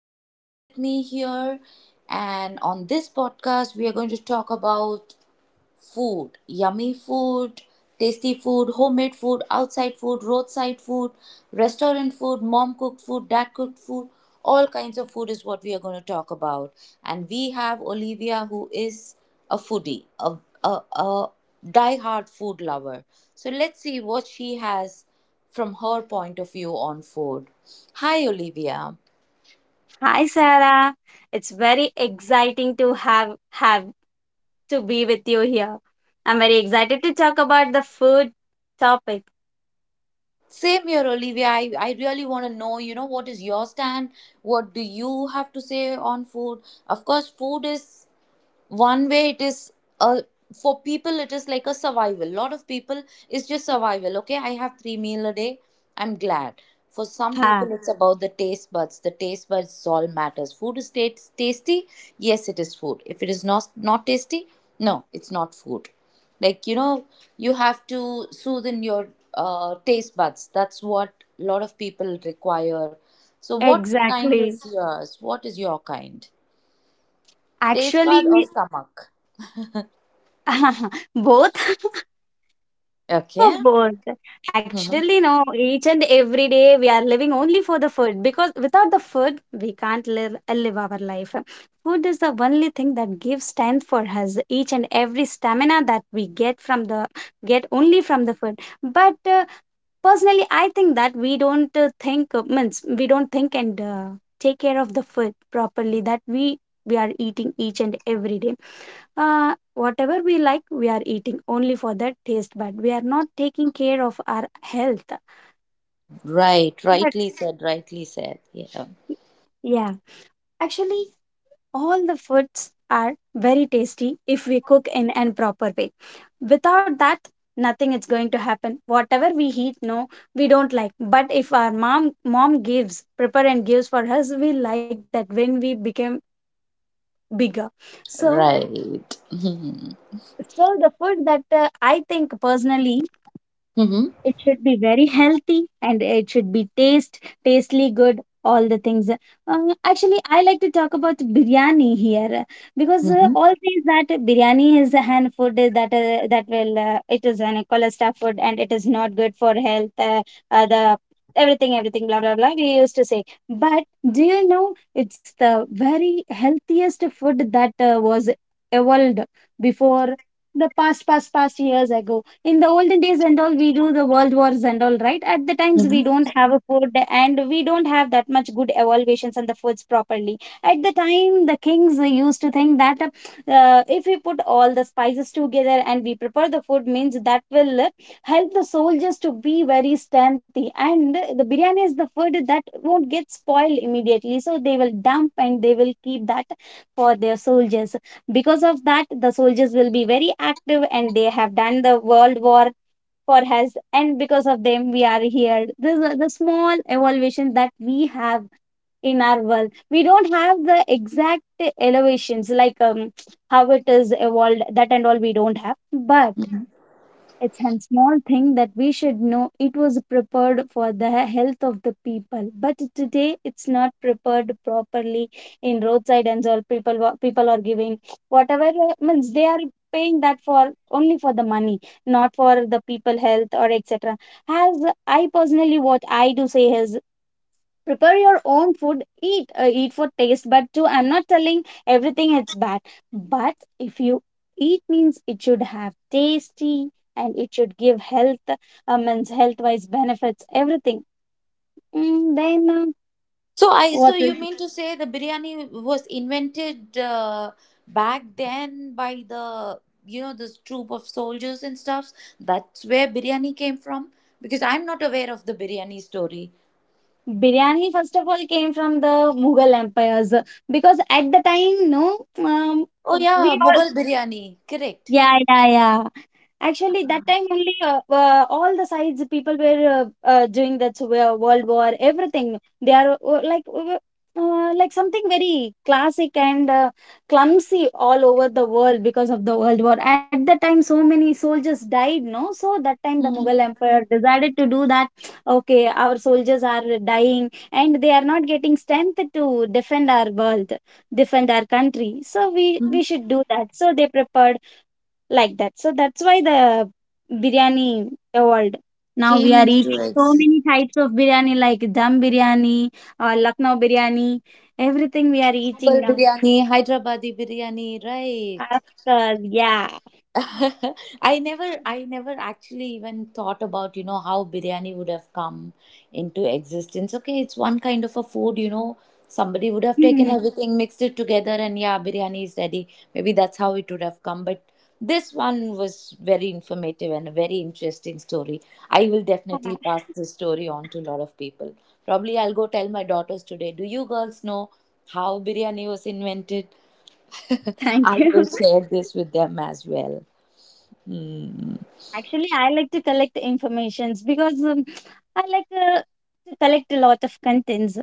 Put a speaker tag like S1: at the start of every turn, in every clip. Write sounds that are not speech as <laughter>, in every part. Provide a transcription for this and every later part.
S1: Olivia with me here, and on this podcast, we are going to talk about food, yummy food, tasty food, homemade food, outside food, roadside food, restaurant food, mom cooked food, dad cooked food. All kinds of food is what we are going to talk about. And we have Olivia, who is a foodie, a die-hard food lover. So let's see what she has from her point of view on food. Hi, Olivia.
S2: Hi Sarah, it's very exciting to have to be with you here. I'm very excited to talk about the food topic.
S1: Same here, Olivia. I really want to know, you know, what is your stand? What do you have to say on food? Of course, food is one way it is uh, for people it is like a survival, lot of people is just survival. Okay, I have three meal a day, I'm glad. For some
S2: Ha,
S1: people it's about the taste buds, the taste buds is all matters, food is tasty, yes it is. Food, if it is not tasty, no it's not food, like you know, you have to soothe in your taste buds, that's what a lot of people require. So what kind
S2: exactly.
S1: is yours, what is your kind, taste bud or
S2: Actually,
S1: stomach?
S2: <laughs> both. <laughs> For
S1: Okay.
S2: both.
S1: Mhm.
S2: Actually, no, each and every day we are living only for the food because without the food, we can't live, live our life. Food is the only thing that gives strength for us. Each and every stamina that we get from the get only from the food. But personally, I think that we don't think means we don't think and take care of the food properly that we are eating each and every day. Uh, Whatever we like we are eating only for that taste, but we are not taking care of our health.
S1: Right.
S2: But
S1: Rightly said. Rightly said. Yeah.
S2: yeah, actually, all the foods are very tasty if we cook in an proper way. Without that, nothing is going to happen whatever we eat, no, we don't like. But if our mom gives prepare and gives for us, we like that when we become bigger. so
S1: Right. Mm-hmm.
S2: so the food that I think personally it should be very healthy and it should be taste tastely good all the things. Actually, I like to talk about biryani here. Because
S1: Mm-hmm.
S2: all things that biryani is an food that that will it is an cholesterol food and it is not good for health. The everything blah blah blah we used to say. But, do you know, it's the very healthiest food that was evolved before the past years ago, in the olden days and all. We do the world wars and all right at the times. We don't
S1: Hmm.
S2: have a food and we don't have that much good evaluations and the foods properly. At the time, the kings used to think that if we put all the spices together and we prepare the food means that will help the soldiers to be very strengthy, and the biryani is the food that won't get spoiled immediately, so they will dump and they will keep that for their soldiers. Because of that, the soldiers will be very active and they have done the world war for us. And because of them, we are here. This is the small evolution that we have in our world. We don't have the exact elevations like how it is evolved, that and all we don't have. But it's a small thing that we should know it was prepared for the health of the people. But today it's not prepared properly in roadside and all. People are giving whatever, means they are paying that for only for the money, not for the people health or etc. As I personally what I do say is prepare your own food, eat eat for taste. But too, I'm not telling everything it's bad. But if you eat means it should have tasty and it should give health, means health wise benefits, everything. Then
S1: So I. So
S2: what is
S1: you mean to say the biryani was invented, back then by the, you know, this troop of soldiers and stuffs? That's where biryani came from. Because I'm not aware of the biryani story.
S2: biryani first of all came from the mughal empires. Because at the time, no, um,
S1: Oh yeah,
S2: we
S1: Mughal
S2: all
S1: biryani. Correct.
S2: yeah, yeah. Actually, that time only all the sides people were doing that. So, World War, everything. They are like something very classic and clumsy all over the world because of the World War. At the time, so many soldiers died, no? So that time the Mughal
S1: Mm-hmm.
S2: Emperor decided to do that. Okay, our soldiers are dying and they are not getting strength to defend our world, defend our country. So we
S1: Mm-hmm.
S2: we should do that. So they prepared like that. So that's why the biryani evolved. Now we
S1: Came
S2: are
S1: into
S2: eating so
S1: existence.
S2: many types of biryani like dum biryani, Lucknow biryani, everything we are
S1: Mughal
S2: eating now.
S1: biryani, Hyderabadi biryani. Right.
S2: After, yeah.
S1: <laughs> I never actually even thought about, you know, how biryani would have come into existence. Okay, it's one kind of a food, you know, somebody would have
S2: Hmm.
S1: taken
S2: <laughs>
S1: everything, mixed it together, and yeah, biryani is ready. Maybe that's how it would have come. But this one was very informative and a very interesting story. I will
S2: Ah,
S1: definitely pass this story on to a lot of people. Probably I'll go tell my daughters today. Do you girls know how biryani was invented? <laughs>
S2: thank
S1: I
S2: you.
S1: will share this with them as well. Mm-hmm.
S2: <laughs> Actually, I like to collect informations because I like to collect a lot of contents.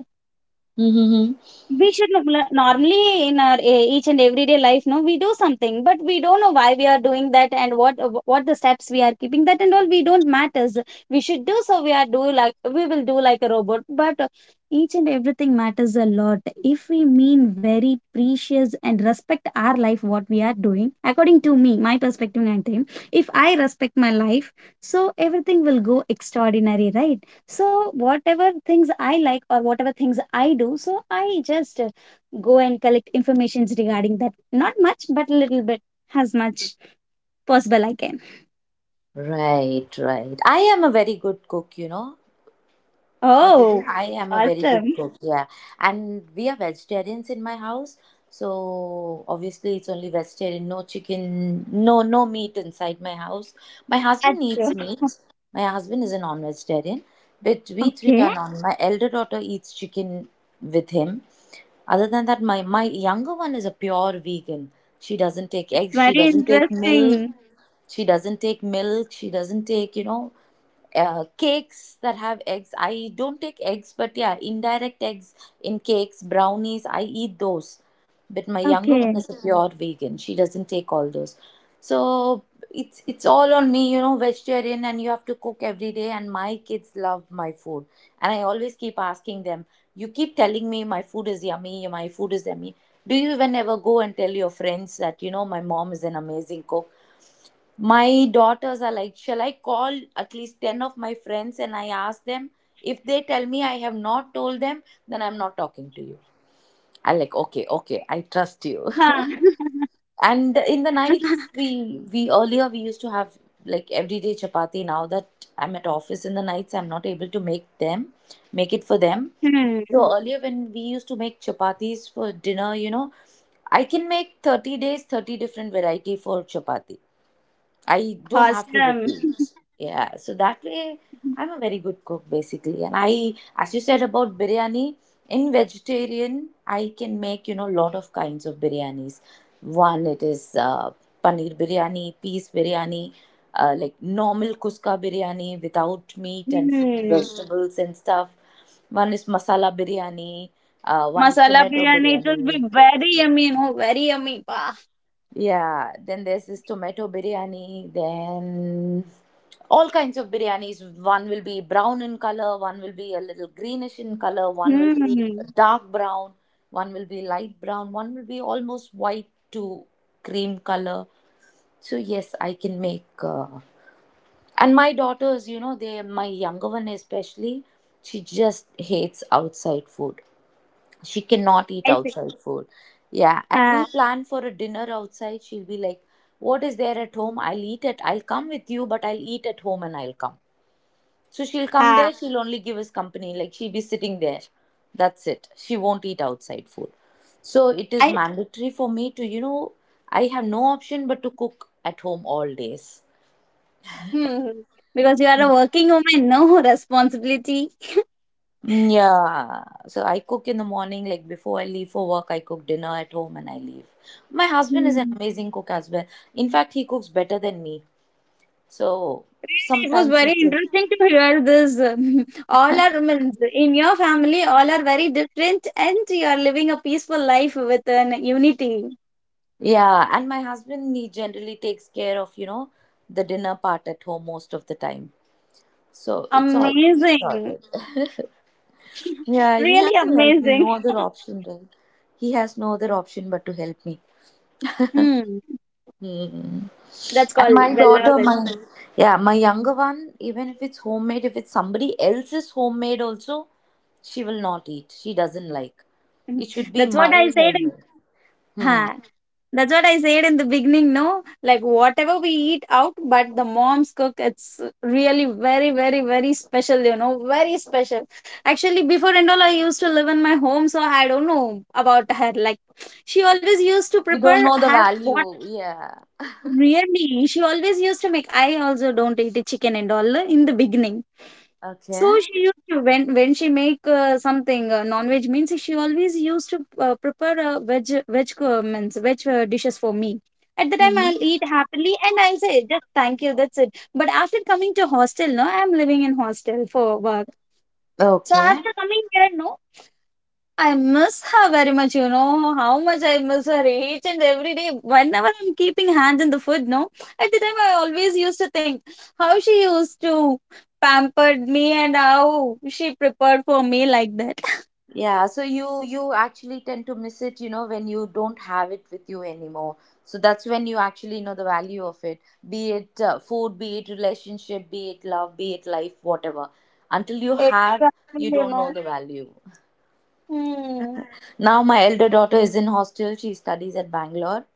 S2: We should normally in our each and everyday life, no, we do something, but we don't know why we are doing that and what the steps we are keeping. That and all we don't matters. We should do so. We are do like we will do like a robot. But each and everything matters a lot if we mean very precious and respect our life what we are doing. According to me, my perspective and time, if I respect my life, so everything will go extraordinary, right? So whatever things I like or whatever things I do, so I just go and collect informations regarding that. Not much, but a little bit, as much possible I can.
S1: Right, right. I am a very good cook, you know. Well, Lydia,
S2: Oh,
S1: I am a very good
S2: awesome.
S1: cook, yeah. And we are vegetarians in my house, so obviously it's only vegetarian, no chicken, no meat inside my house. My
S2: That's
S1: husband eats meat. My husband is a non-vegetarian, but
S2: <laughs>
S1: we three
S2: okay.
S1: are non. My elder daughter eats chicken with him. Other than that, my younger one is a pure vegan. She doesn't take
S2: It's
S1: eggs, she
S2: very
S1: doesn't take milk,
S2: interesting.
S1: she doesn't take, you know, cakes that have eggs. I don't take eggs, but yeah, indirect eggs in cakes, brownies, I eat those. But my younger one is a
S2: Okay.
S1: Pure vegan, she doesn't take all those. So it's all on me, you know, vegetarian, and you have to cook every day. And my kids love my food, and I always keep asking them, you keep telling me my food is yummy, my food is yummy, do you even ever go and tell your friends that, you know, my mom is an amazing cook? My daughters are like, shall I call at least 10 of my friends and I ask them? If they tell me I have not told them, then I'm not talking to you. I'm like, okay, okay, I trust you.
S2: Huh.
S1: <laughs> And in the nights,
S2: <laughs>
S1: we earlier we used to have like everyday chapati. Now that I'm at office in the nights, I'm not able to make it for them. So earlier
S2: Hmm.
S1: when we used to make chapatis for dinner, you know, I can make 30 days, 30 different variety for chapati, I don't have to repeat.
S2: Awesome.
S1: Yeah, so that way I'm a very good cook basically. And I, as you said about biryani, in vegetarian, I can make, you know, lot of kinds of biryanis. One, it is paneer biryani, peas biryani, like normal kuska biryani without meat and fruit,
S2: Hmm.
S1: vegetables and stuff. One is masala biryani, one is
S2: Masala
S1: tomato
S2: biryani, it will
S1: biryani.
S2: be very yummy, no? Very yummy. Wow.
S1: Yeah, then there's this tomato biryani, then all kinds of biryanis. One will be brown in color, one will be a little greenish in color, one will be
S2: Hmm.
S1: dark brown, one will be light brown, one will be almost white to cream color. So, yes, I can make. And my daughters, you know, my younger one especially, she just hates outside food, she cannot eat
S2: I see.
S1: outside food. Yeah, and
S2: Ha
S1: we plan for a dinner outside, she'll be like, what is there at home, I'll eat it, I'll come with you, but I'll eat at home and I'll come. So she'll come
S2: ha.
S1: there, she'll only give us company, like she'll be sitting there, that's it, she won't eat outside food. So it is
S2: I.
S1: mandatory for me to, you know, I have no option but to cook at home all days.
S2: Mhm. Because you are a working woman, no. <laughs> Responsibility.
S1: Mm, yeah, so I cook in the morning, like before I leave for work, I cook dinner at home and I leave. My husband is an
S2: Mhm.
S1: amazing cook as well. In fact, he cooks better than me. So
S2: Really, it was
S1: sometimes he
S2: very
S1: takes,
S2: interesting to hear this. <laughs> All are means in your family, all are very different, and you are living a peaceful life with an unity.
S1: yeah, and my husband, he generally takes care of, you know, the dinner part at home most of the time. So it's all
S2: Amazing,
S1: sorted. <laughs> Yeah, he
S2: really
S1: has to help me,
S2: amazing.
S1: no other
S2: <laughs>
S1: option, right? He has no other option but to help me.
S2: Hmm.
S1: Hmm.
S2: That's
S1: And
S2: called
S1: my
S2: the love
S1: daughter,
S2: is.
S1: my yeah, my younger one, even if it's homemade, if it's somebody else's homemade also, she will not eat. She doesn't like. It should
S2: <laughs>
S1: be
S2: That's what
S1: my
S2: I said.
S1: homemade. Hmm.
S2: Huh. That's what I said in the beginning, no? Like whatever we eat out, but the mom's cook, it's really very, very, very special, you know, very special. Actually, before and all, I used to live in my home, so I don't know about her. Like she always used to
S1: We don't
S2: prepare
S1: know the
S2: her what.
S1: value. Yeah.
S2: Really, she always used to make. I also don't eat the chicken and all, in the beginning.
S1: Okay.
S2: So she used to when she make something, non-veg means she always used to prepare veg veg means veg dishes for me. At the time
S1: Mm-hmm.
S2: I'll eat happily and I'll say just thank you, that's it. But after coming to hostel, no, I'm living in hostel for work. So
S1: Okay.
S2: after coming here, no, I miss her very much, you know, how much I miss her each and every day. Whenever I'm keeping hand in the food, no, at the time I always used to think how she used to pampered me and how she prepared for me like that.
S1: Yeah, so you actually tend to miss it, you know, when you don't have it with you anymore. So that's when you actually know the value of it, be it food, be it relationship, be it love, be it life, whatever. Until you have,
S2: Exactly,
S1: you
S2: you
S1: don't know
S2: know.
S1: the value.
S2: Hmm.
S1: Now my elder daughter is in hostel. She studies at Bangalore.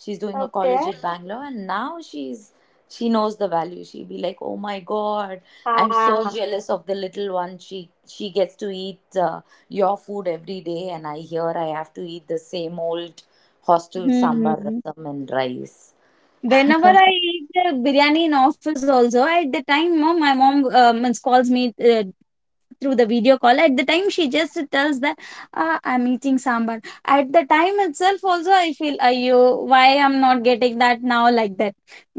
S1: She's doing a
S2: Okay.
S1: college at Bangalore, and now she's she knows the value. She'll be like, "Oh my God, I'm so
S2: Ah.
S1: jealous of the little one. She gets to eat your food every day, and I hear I have to eat the same old hostel sambar
S2: Hmm.
S1: rasam and rice."
S2: Whenever I eat the biryani in office also, at the time, mom, my mom means calls me through the video call. At the time she just tells that, ah, I'm eating sambar. At the time itself also I feel, ayo, why I'm not getting that now, like that.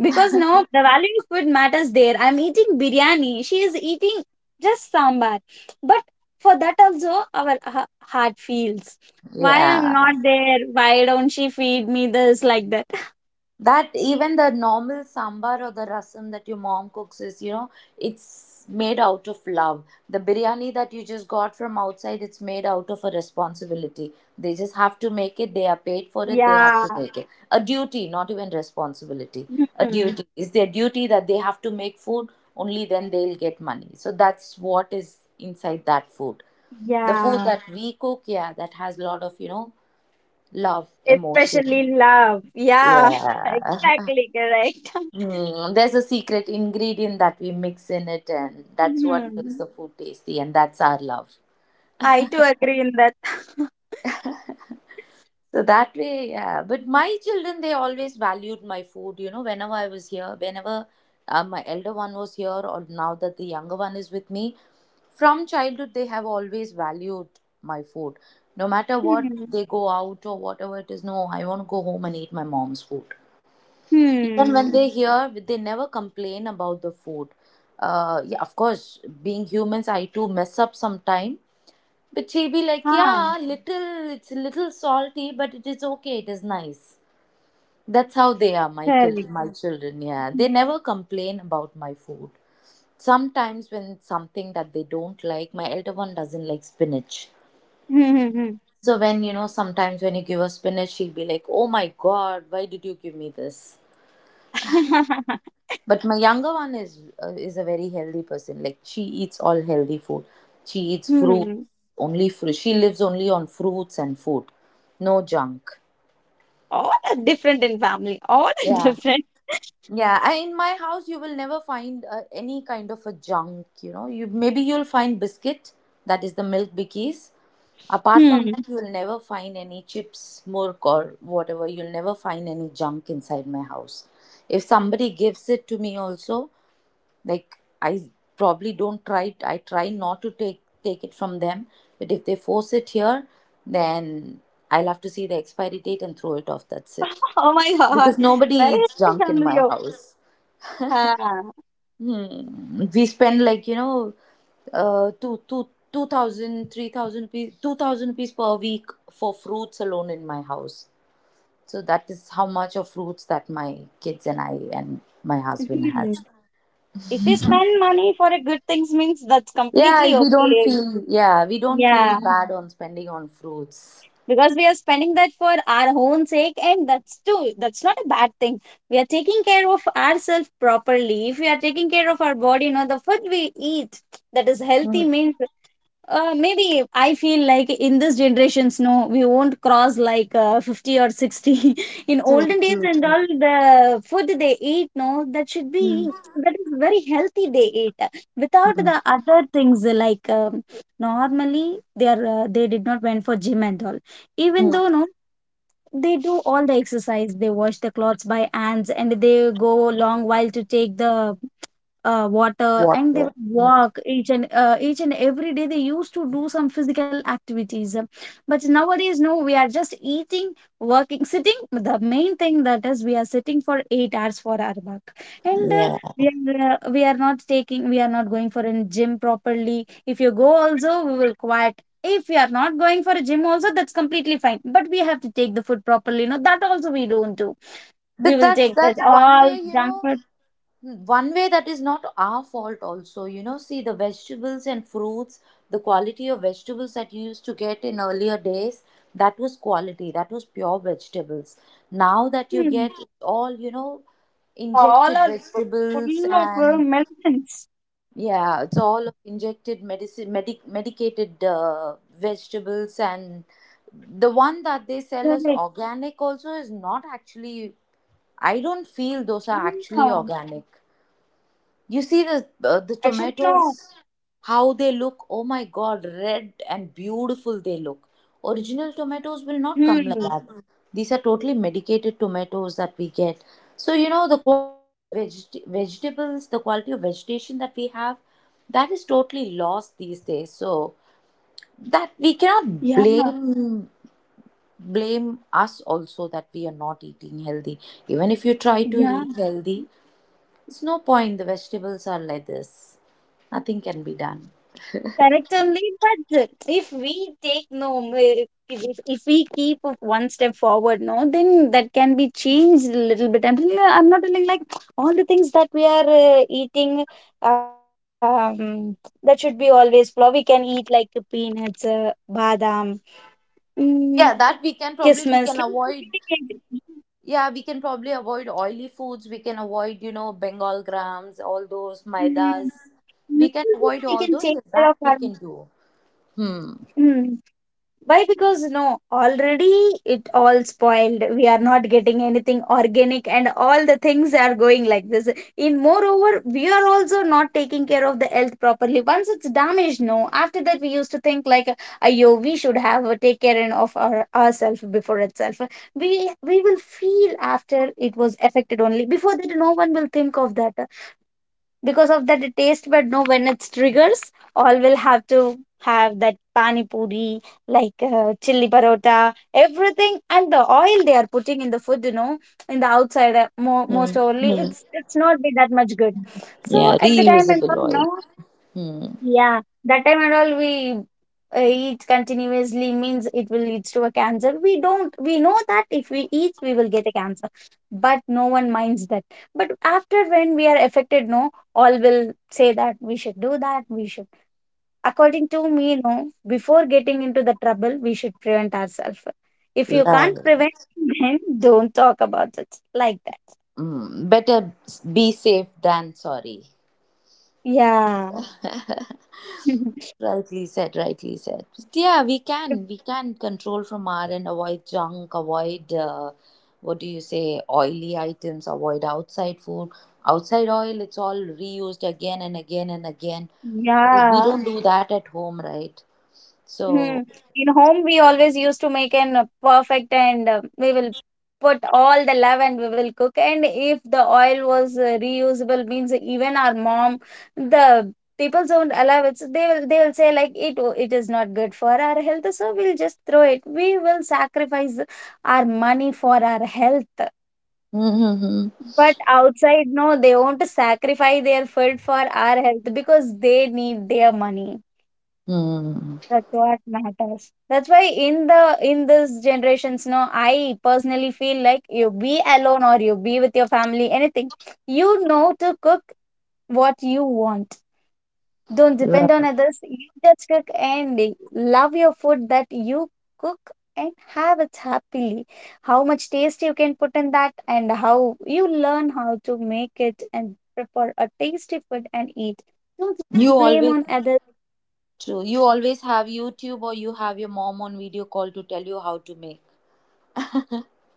S2: Because no, the value of food matters there. I'm eating biryani, she is eating just sambar. But for that also our heart feels, why I'm not
S1: Yeah,
S2: there, why don't she feed me this, like that.
S1: that even the normal sambar or the rasam that your mom cooks is, you know, it's made out of love. The biryani that you just got from outside, it's made out of a responsibility. They just have to make it. They are paid for it. They have
S2: Yeah.
S1: to make it. A duty, not even responsibility. A
S2: Mhm.
S1: duty. It's their duty that they have to make food. Only then they'll get money. So that's what is inside that food. The food
S2: Yeah,
S1: that we cook, yeah, that has a lot of, you know, love, emotion.
S2: especially love, yeah. <laughs>
S1: Yeah. <laughs>
S2: Exactly, correct.
S1: Hmm, there's a secret ingredient that we mix in it, and that's what makes
S2: Hmm.
S1: the food tasty, and that's our love.
S2: I too agree in that. <laughs>
S1: So that way, yeah. But my children, they always valued my food. You know, whenever I was here, whenever my elder one was here, or now that the younger one is with me, from childhood, they have always valued my food. No matter what,
S2: Hmm.
S1: they go out or whatever it is, no, I want to go home and eat my mom's food. Even
S2: Hmm.
S1: when they hear, they never complain about the food. Yeah, of course, being humans, I too mess up sometime. But she be like,
S2: Ah,
S1: yeah, little, it's a little salty, but it is okay. It is nice. That's how they are,
S2: correct.
S1: my children. Yeah,
S2: Hmm.
S1: they
S2: <laughs>
S1: never complain about my food. Sometimes when it's something that they don't like, my elder one doesn't like spinach.
S2: Hmm. Hmm.
S1: So when, you know, sometimes when you give her spinach, she'll be like, "Oh my God, why did you give me this?"
S2: Hmm. <laughs>
S1: But my younger one is a very healthy person. Like she eats all healthy food. She eats fruits
S2: Hmm.
S1: only. Fruit. She lives only on fruits and food. No junk.
S2: All are different in family. All are <laughs>
S1: Yeah,
S2: different.
S1: yeah. I, in my house, you will never find any kind of a junk. You know, you maybe you'll find biscuit. That is the milk bikkies. Apart from
S2: Hmm.
S1: that, you'll never find any chips, milk, or whatever. You'll never find any junk inside my house. If somebody gives it to me, also, like I probably don't try, I try not to take it from them, but if they force it here, then I'll have to see the expiry date and throw it off, that's it.
S2: Oh my God.
S1: Because nobody
S2: Very
S1: eats
S2: happy
S1: junk in
S2: family.
S1: my
S2: Oh.
S1: house.
S2: Ah.
S1: Hmm. We spend, like, two two thousand three thousand rupees 2,000 rupees per week for fruits alone in my house. So that is how much of fruits that my kids and I and my husband has.
S2: Hmm. If you spend money for a good things means that's
S1: Yeah,
S2: completely
S1: we don't
S2: okay.
S1: feel yeah, we don't feel
S2: Yeah.
S1: bad on spending on fruits.
S2: Because we are spending that for our own sake and that's too that's not a bad thing. We are taking care of ourselves properly. If we are taking care of our body, you know, the food we eat, that is healthy
S1: Mm,
S2: means, maybe I feel like in this generations, no, we won't cross like 50 or 60. <laughs> In
S1: True,
S2: olden days
S1: true,
S2: and
S1: true.
S2: all, the food they eat, no, that should be that is very healthy. They eat without the other things, like, normally they are, they did not went for gym and all. Even
S1: Mm,
S2: though no, they do all the exercise, they wash the clothes by hands and they go long while to take the, water, and they
S1: Water.
S2: will walk each and every day they used to do some physical activities. But nowadays no, we are just eating, working, sitting. The main thing that is, we are sitting for 8 hours for our work and
S1: Yeah.
S2: we are not taking, we are not going for a gym properly. If you go also we will quiet. If we are not going for a gym also, that's completely fine, but we have to take the food properly. No, that also we don't do. We
S1: But
S2: will
S1: that's
S2: take that
S1: that's one
S2: all
S1: way, you
S2: junk
S1: know,
S2: food.
S1: One way, that is not our fault also. You know, see the vegetables and fruits, the quality of vegetables that you used to get in earlier days, that was quality, that was pure vegetables. Now that you
S2: Hmm.
S1: get all, you know,
S2: All are
S1: injected
S2: full
S1: vegetables
S2: of
S1: and
S2: medicines.
S1: yeah, it's all of injected medicated vegetables, and the one that they sell
S2: They're
S1: as
S2: like,
S1: organic also is not actually. I don't feel those are
S2: yeah.
S1: actually organic. You see
S2: Actually,
S1: the
S2: no.
S1: tomatoes, how they look. Oh my God, red and beautiful they look. Original tomatoes
S2: Hmm.
S1: will not come like that. These are totally medicated tomatoes that we get. So you know the quality of vegetables, the quality of vegetation that we have, that is totally lost these days. So that we
S2: Yeah.
S1: cannot blame us also that we are not eating healthy. Even if you try to
S2: Yeah.
S1: eat healthy, it's no point. The vegetables are like this. Nothing can be done.
S2: Correct only, but if we take no, if we keep one step forward, no, then that can be changed a little bit. I'm not telling like all the things that we are eating, um, that should be always flour. We can eat like peanuts, badam,
S1: Yeah,
S2: mm,
S1: that we can probably we can
S2: kismis.
S1: avoid. Yeah, we can probably avoid oily foods. We can avoid, Bengal grams, all those maidas.
S2: Mm.
S1: We can avoid
S2: Naturally,
S1: all
S2: we can
S1: those. If
S2: take
S1: That
S2: care of
S1: we
S2: our
S1: can do. Hmm.
S2: mm. Why? Because no, already it all spoiled. We are not getting anything organic, and all the things are going like this. In moreover, we are also not taking care of the health properly. Once it's damaged, no. After that, we used to think like, "Ayo, we should have take care of ourselves before itself." We will feel after it was affected only. Before that, no one will think of that because of that the taste but no when it's triggers all will have to have that pani puri like chili parota everything and the oil they are putting in the food in the outside
S1: Hmm.
S2: most only
S1: Hmm.
S2: it's not be that much good so
S1: Yeah,
S2: at the time and
S1: reusable
S2: all
S1: oil.
S2: no,
S1: Hmm.
S2: yeah, that time and all we eat continuously means it will lead to a cancer. We don't, we know that if we eat, we will get a cancer, but no one minds that. But after when we are affected, no, all will say that we should do that, we should. According to me, no, before getting into the trouble, we should prevent ourselves. If you can't prevent,
S1: Right.
S2: <laughs> then don't talk about it like that.
S1: Hmm. Better be safe than sorry.
S2: Yeah.
S1: <laughs>
S2: <laughs>
S1: Rightly said, rightly said. Yeah, we can. We can control from our end, avoid junk, avoid, what do you say, oily items, avoid outside food. Outside oil, it's all reused again and again and again. We
S2: Yeah.
S1: don't do that at home, right? So,
S2: Hmm. In home, we always used to make an perfect and we will put all the love and we will cook. And if the oil was reusable, means even our mom, the people don't allow it. So they will say like it is not good for our health, so we'll just throw it. We will sacrifice our money for our health.
S1: <laughs> mm-hmm.
S2: But outside, no, they won't sacrifice their food for our health because they need their money.
S1: Hmm.
S2: That's what matters. That's why in this generations, no, I personally feel like you be alone or you be with your family, anything. You know to cook what you want. Don't depend on
S1: Right.
S2: others. You just cook and love your food that you cook and have it happily. How much taste you can put in that and how you learn how to make it and prepare a tasty food and eat. Don't
S1: You
S2: blame on
S1: always
S2: others.
S1: True. You always have YouTube, or you have your mom on video call to tell you how to make. <laughs>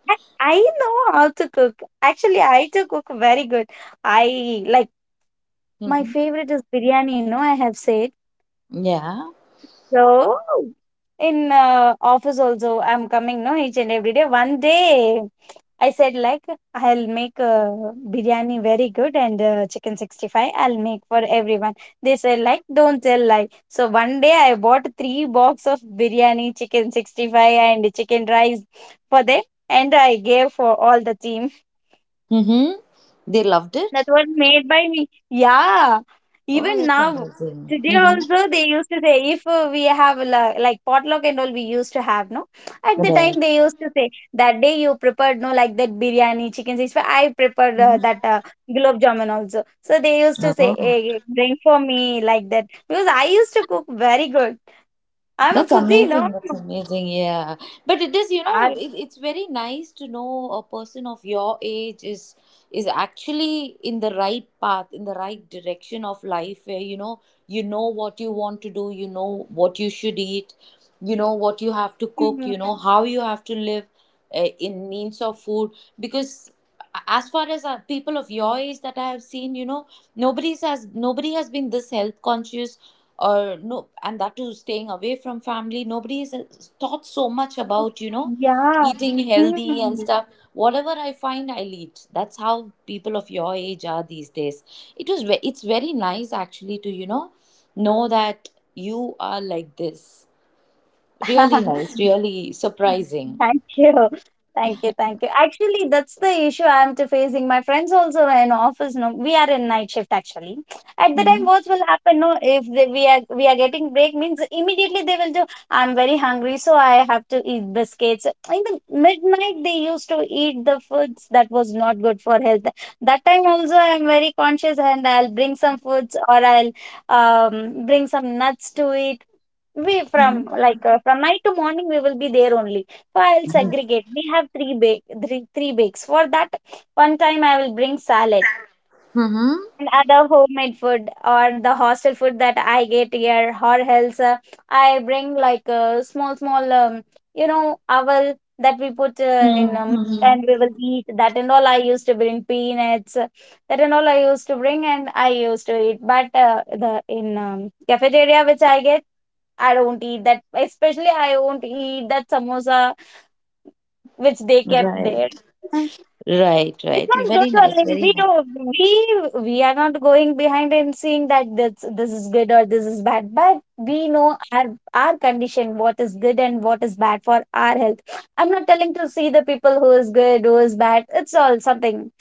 S2: I know how to cook. Actually, I do cook very good. I like My
S1: Hmm.
S2: favorite is biryani, no, I have said.
S1: Yeah.
S2: So in office also I'm coming, no, each and every day. One day I said like I'll make biryani very good and chicken 65 I'll make for everyone. They said like don't tell lie. So one day I bought three box of biryani, chicken 65 and chicken rice for them and I gave for all the team.
S1: Hmm. They loved
S2: That
S1: it.
S2: was made by me. Yeah,
S1: Oh,
S2: even
S1: that's
S2: now,
S1: amazing.
S2: today
S1: Mm-hmm.
S2: also they used to say if we have like potluck and all we used to have no. At the time
S1: Right.
S2: they used to say that day you prepared no like that biryani chicken six. I prepared
S1: Mhm.
S2: that gulab jamun also. So they used to say
S1: Oh,
S2: hey, bring for me like that because I used to cook very good. I'm a
S1: that's
S2: foodie, no.
S1: amazing.
S2: <laughs>
S1: That's amazing. Yeah. But it is,
S2: I,
S1: it's very nice to know a person of your age is actually in the right path, in the right direction of life where, you know what you want to do, you know what you should eat, you know what you have to
S2: hmm,
S1: cook, you know how you have to live in means of food, because as far as people of your age that I have seen, you know, nobody has been this health conscious, or no, and that too staying away from family, nobody has taught so much about, you know,
S2: yeah.
S1: eating healthy and
S2: Hmm.
S1: stuff, whatever I find I'll eat, that's how people of your age are these days. It's very nice actually to, you know that you are like this. Really
S2: <laughs>
S1: nice, really surprising.
S2: Thank <laughs> you. Thank you. Thank you. Actually, that's the issue I'm to facing. My friends also are in office, no, we are in night shift actually. At the time,
S1: Mm-hmm.
S2: what will happen, no, if they, we are getting break means immediately they will do, I'm very hungry, so I have to eat biscuits. In the midnight, they used to eat the foods that was not good for health. That time also, I'm very conscious and I'll bring some foods or I'll bring some nuts to it we from like from night to morning we will be there only. So I'll segregate. We have three bakes. For that one time I will bring salad
S1: Mm-hmm.
S2: and other homemade food or the hostel food that I get here, or else I bring like a small, small, owl that we put in
S1: Mm-hmm.
S2: and we will eat that and all. I used to bring peanuts, that and all I used to bring and I used to eat. But the in cafeteria which I get, I don't eat that. Especially I won't eat that samosa which they kept there.
S1: Right, right,
S2: It's
S1: right.
S2: not
S1: Very
S2: good
S1: nice,
S2: only.
S1: very
S2: We
S1: nice.
S2: do we are not going behind and seeing that this is good or this is bad. But we know our condition, what is good and what is bad for our health. I'm not telling to see the people who is good, who is bad. It's all something.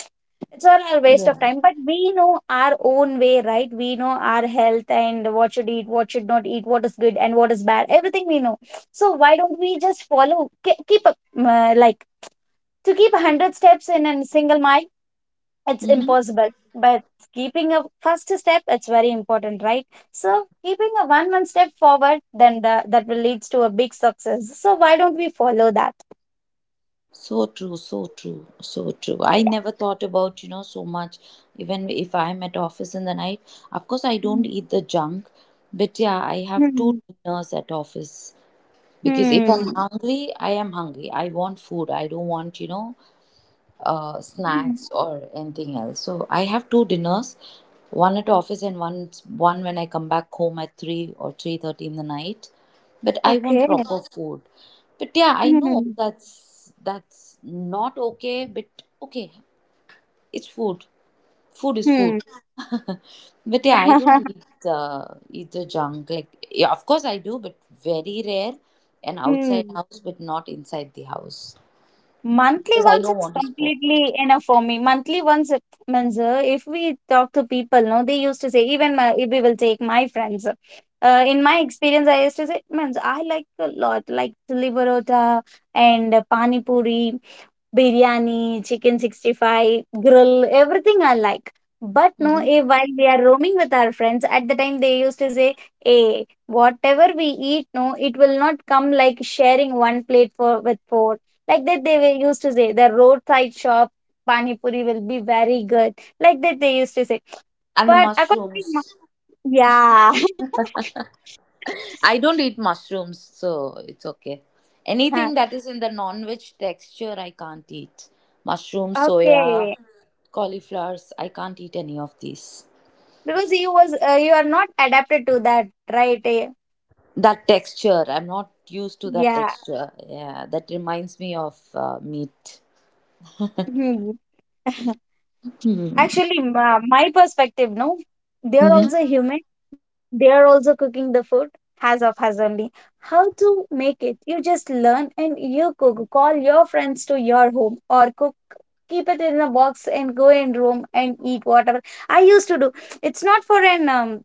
S2: It's all a waste of
S1: Yeah.
S2: time. But we know our own way, right? We know our health and what should eat, what should not eat, what is good and what is bad. Everything we know. So why don't we just follow? Keep up like to keep 100 steps in a single mile it's
S1: Mm-hmm.
S2: impossible but keeping a first step it's very important, right? So keeping a one step forward then that will leads to a big success. So why don't we follow that,
S1: So true, so true, so true. I
S2: yeah?
S1: never thought about, you know, so much. Even if I'm at office in the night, of course I don't
S2: Mm.
S1: eat the junk, but yeah, I have
S2: Hmm.
S1: two dinners at office, because if I'm
S2: Hmm.
S1: hungry, I am hungry. I want food. I don't want, you know,
S2: Hmm.
S1: snacks or anything else. So I have two dinners, one at office and one when I come back home at 3 or 3:30 in the night. But I want
S2: Okay.
S1: proper food. But yeah, I know
S2: Hmm.
S1: that's not okay. But okay, it's food. Food is
S2: Hmm.
S1: food. <laughs> But yeah, I don't
S2: <laughs>
S1: eat the junk. Like yeah, of course I do, but very rare. And outside
S2: Hmm.
S1: house, but not inside the house,
S2: Monthly
S1: because I
S2: ones
S1: don't
S2: is
S1: want to spoil.
S2: completely enough for me. Monthly ones it means if we talk to people, no, they used to say even if we will take my friends. In my experience, I used to say means I like a lot like chili parota and pani puri biryani, chicken 65, grill, everything I like. But no,
S1: Hmm.
S2: eh, while we are roaming with our friends, at the time they used to say, eh, whatever we eat, no, it will not come like sharing one plate for with four. Like that they were used to say, the roadside shop pani puri will be very good. Like that they used to say.
S1: And the
S2: But according to my,
S1: mushrooms.
S2: yeah. <laughs>
S1: I don't eat mushrooms, so it's okay.
S2: Huh.
S1: Anything that is in the non-veg texture, I can't eat. Mushrooms, soya,
S2: Okay,
S1: cauliflowers, I can't eat any of these.
S2: because you was you are not adapted to that, right? Eh,
S1: That texture, I'm not used to that
S2: yeah.
S1: texture. Yeah, that reminds me of meat.
S2: Hmm.
S1: Hmm.
S2: Actually, my perspective, no, they are
S1: Mm-hmm.
S2: also human. They are also cooking the food, has of has only. How to make it? You just learn and you cook. Call your friends to your home or cook. Keep it in a box and go in room and eat whatever. I used to do. It's not for an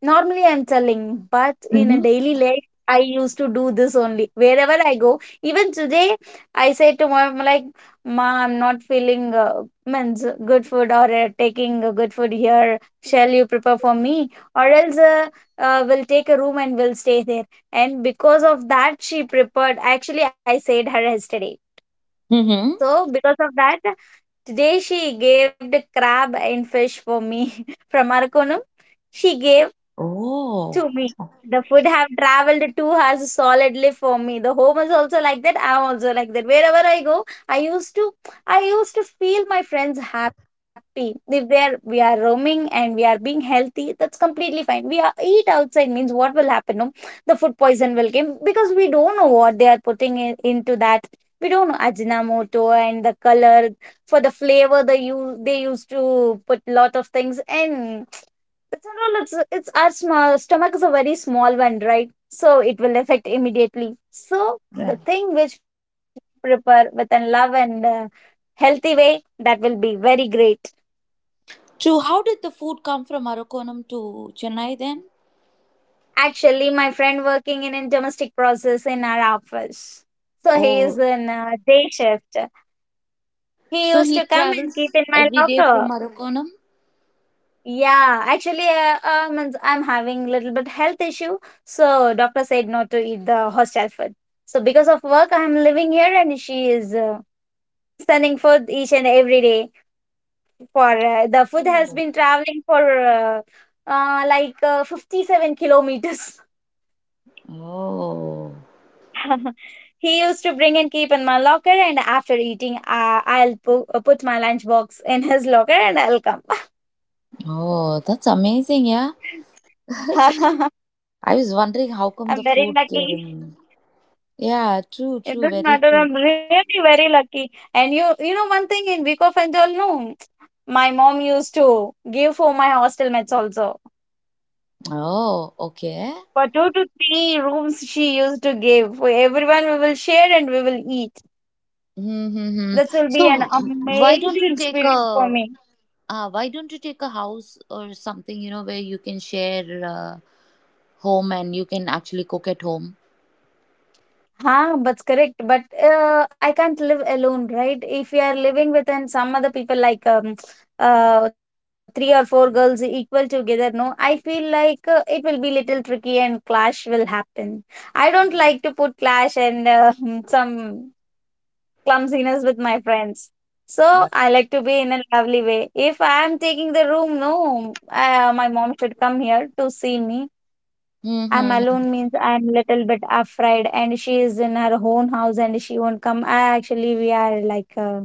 S2: normally, I'm telling, but in a
S1: Mm-hmm.
S2: daily life, I used to do this only. Wherever I go, even today, I say to mom, like, "Ma, I'm not feeling means good food or taking a good food here. Shall you prepare for me? Or else, we'll take a room and we'll stay there." And because of that, she prepared. Actually, I said her yesterday.
S1: Mm-hmm.
S2: So, because of that, today she gave the crab and fish for me <laughs> from Arakonam she gave
S1: Oh,
S2: to me. The food have traveled 2 hours solidly for me. The home is also like that. I'm also like that. Wherever I go, I used to feel my friends happy. If they are we are roaming and we are being healthy, that's completely fine. We are eat outside means what will happen? No? The food poison will come because we don't know what they are putting in, into that. We don't know Ajinomoto and the color for the flavor they used to put lot of things in that's not all. It's our small stomach is a very small one, right? So it will affect immediately. So
S1: right.
S2: the thing which we prepare with a love and healthy way that will be very great.
S1: So, how did the food come from Arakonam to Chennai then?
S2: Actually, my friend working in a domestic process in our office. So he is
S1: Oh,
S2: in day shift. He
S1: so
S2: used
S1: he
S2: to come and keep
S1: travels
S2: in my
S1: every day from
S2: locker.
S1: Arakonam?
S2: Yeah, actually, I'm having little bit health issue, so doctor said not to eat the hostel food. So because of work, I'm living here, and she is sending food each and every day. For the food has
S1: Oh.
S2: been traveling for like 57 kilometers.
S1: Oh,
S2: <laughs> He used to bring and keep in my locker, and after eating, I'll put my lunch box in his locker, and I'll come.
S1: oh, that's amazing, yeah.
S2: <laughs>
S1: I was wondering how
S2: I'm
S1: come
S2: very
S1: the food
S2: lucky.
S1: came. Yeah, true,
S2: It
S1: true,
S2: doesn't
S1: very
S2: matter.
S1: true.
S2: I'm really very lucky. And you, one thing in week of enjoy, no, my mom used to give for my hostel mates also.
S1: Oh, okay.
S2: For two to three rooms, she used to give. For everyone, we will share and we will eat.
S1: Mm-hmm.
S2: That will be an
S1: So why don't
S2: amazing
S1: you take
S2: experience for
S1: a
S2: me.
S1: why don't you take a house or something, you know, where you can share home, and you can actually cook at home?
S2: Huh, that's correct. But I can't live alone, right? If you are living with some other people, like three or four girls equal together, no, I feel like it will be little tricky and clash will happen. I don't like to put clash and <laughs> some clumsiness with my friends. So I like to be in a lovely way. If I am taking the room, no, my mom should come here to see me. I'm
S1: Mm-hmm.
S2: alone means I'm little bit afraid, and she is in her own house and she won't come. I actually we are like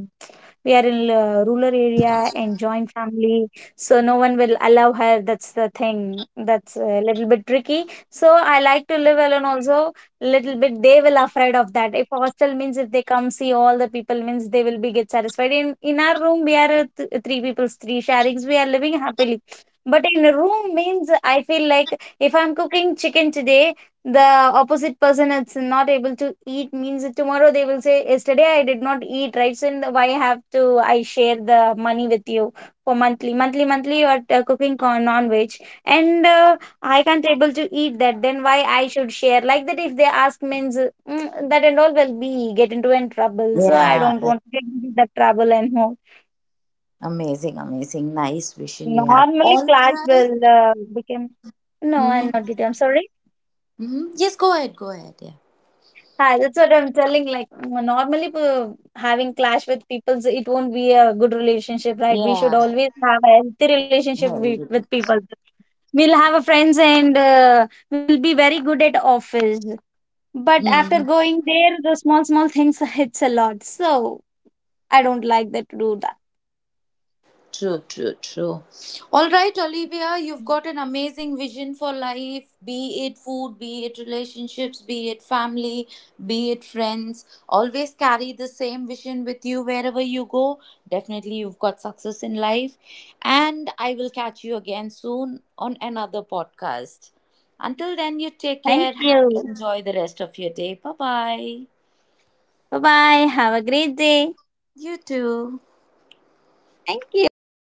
S2: we are in rural area and joint family, so no one will allow her. That's the thing. That's a little bit tricky. So I like to live alone also. Little bit they will afraid of that. If hostel means if they come see all the people means they will be get satisfied. In our room we are three people, three sharings. We are living happily. But in a room means I feel like if I'm cooking chicken today, the opposite person is not able to eat means tomorrow they will say, "Yesterday I did not eat, right? So why I have to I share the money with you for monthly? Monthly, monthly you are cooking non-veg and I can't able to eat that. Then why I should share?" Like that if they ask means that and all will be get into in trouble. So I
S1: Yeah,
S2: don't
S1: yeah.
S2: want to get into the trouble and all.
S1: Amazing, amazing. Nice vision you have.
S2: Normally
S1: All
S2: class will
S1: right.
S2: become no, I'm
S1: Mm-hmm.
S2: not getting. I'm sorry.
S1: Mm-hmm. Yes, go ahead, go ahead.
S2: Hi, that's what I'm telling. Like normally, having clash with people, so it won't be a good relationship, right? We should
S1: Yeah.
S2: always have a healthy relationship with,
S1: Yeah.
S2: with people. We'll have a friends, and we will be very good at office. But after
S1: Hmm.
S2: going there, the small small things <laughs> hits a lot. So I don't like that to do that.
S1: True, true, true. All
S2: Mhm.
S1: right, Olivia, you've got an amazing vision for life, be it food, be it relationships, be it family, be it friends. Always carry the same vision with you wherever you go. Definitely, you've got success in life. And I will catch you again soon on another podcast. Until then, you
S2: Thank
S1: take care.
S2: you.
S1: Have, enjoy the rest of your day. Bye bye.
S2: Bye bye. Have a great day.
S1: You too.
S2: Thank you.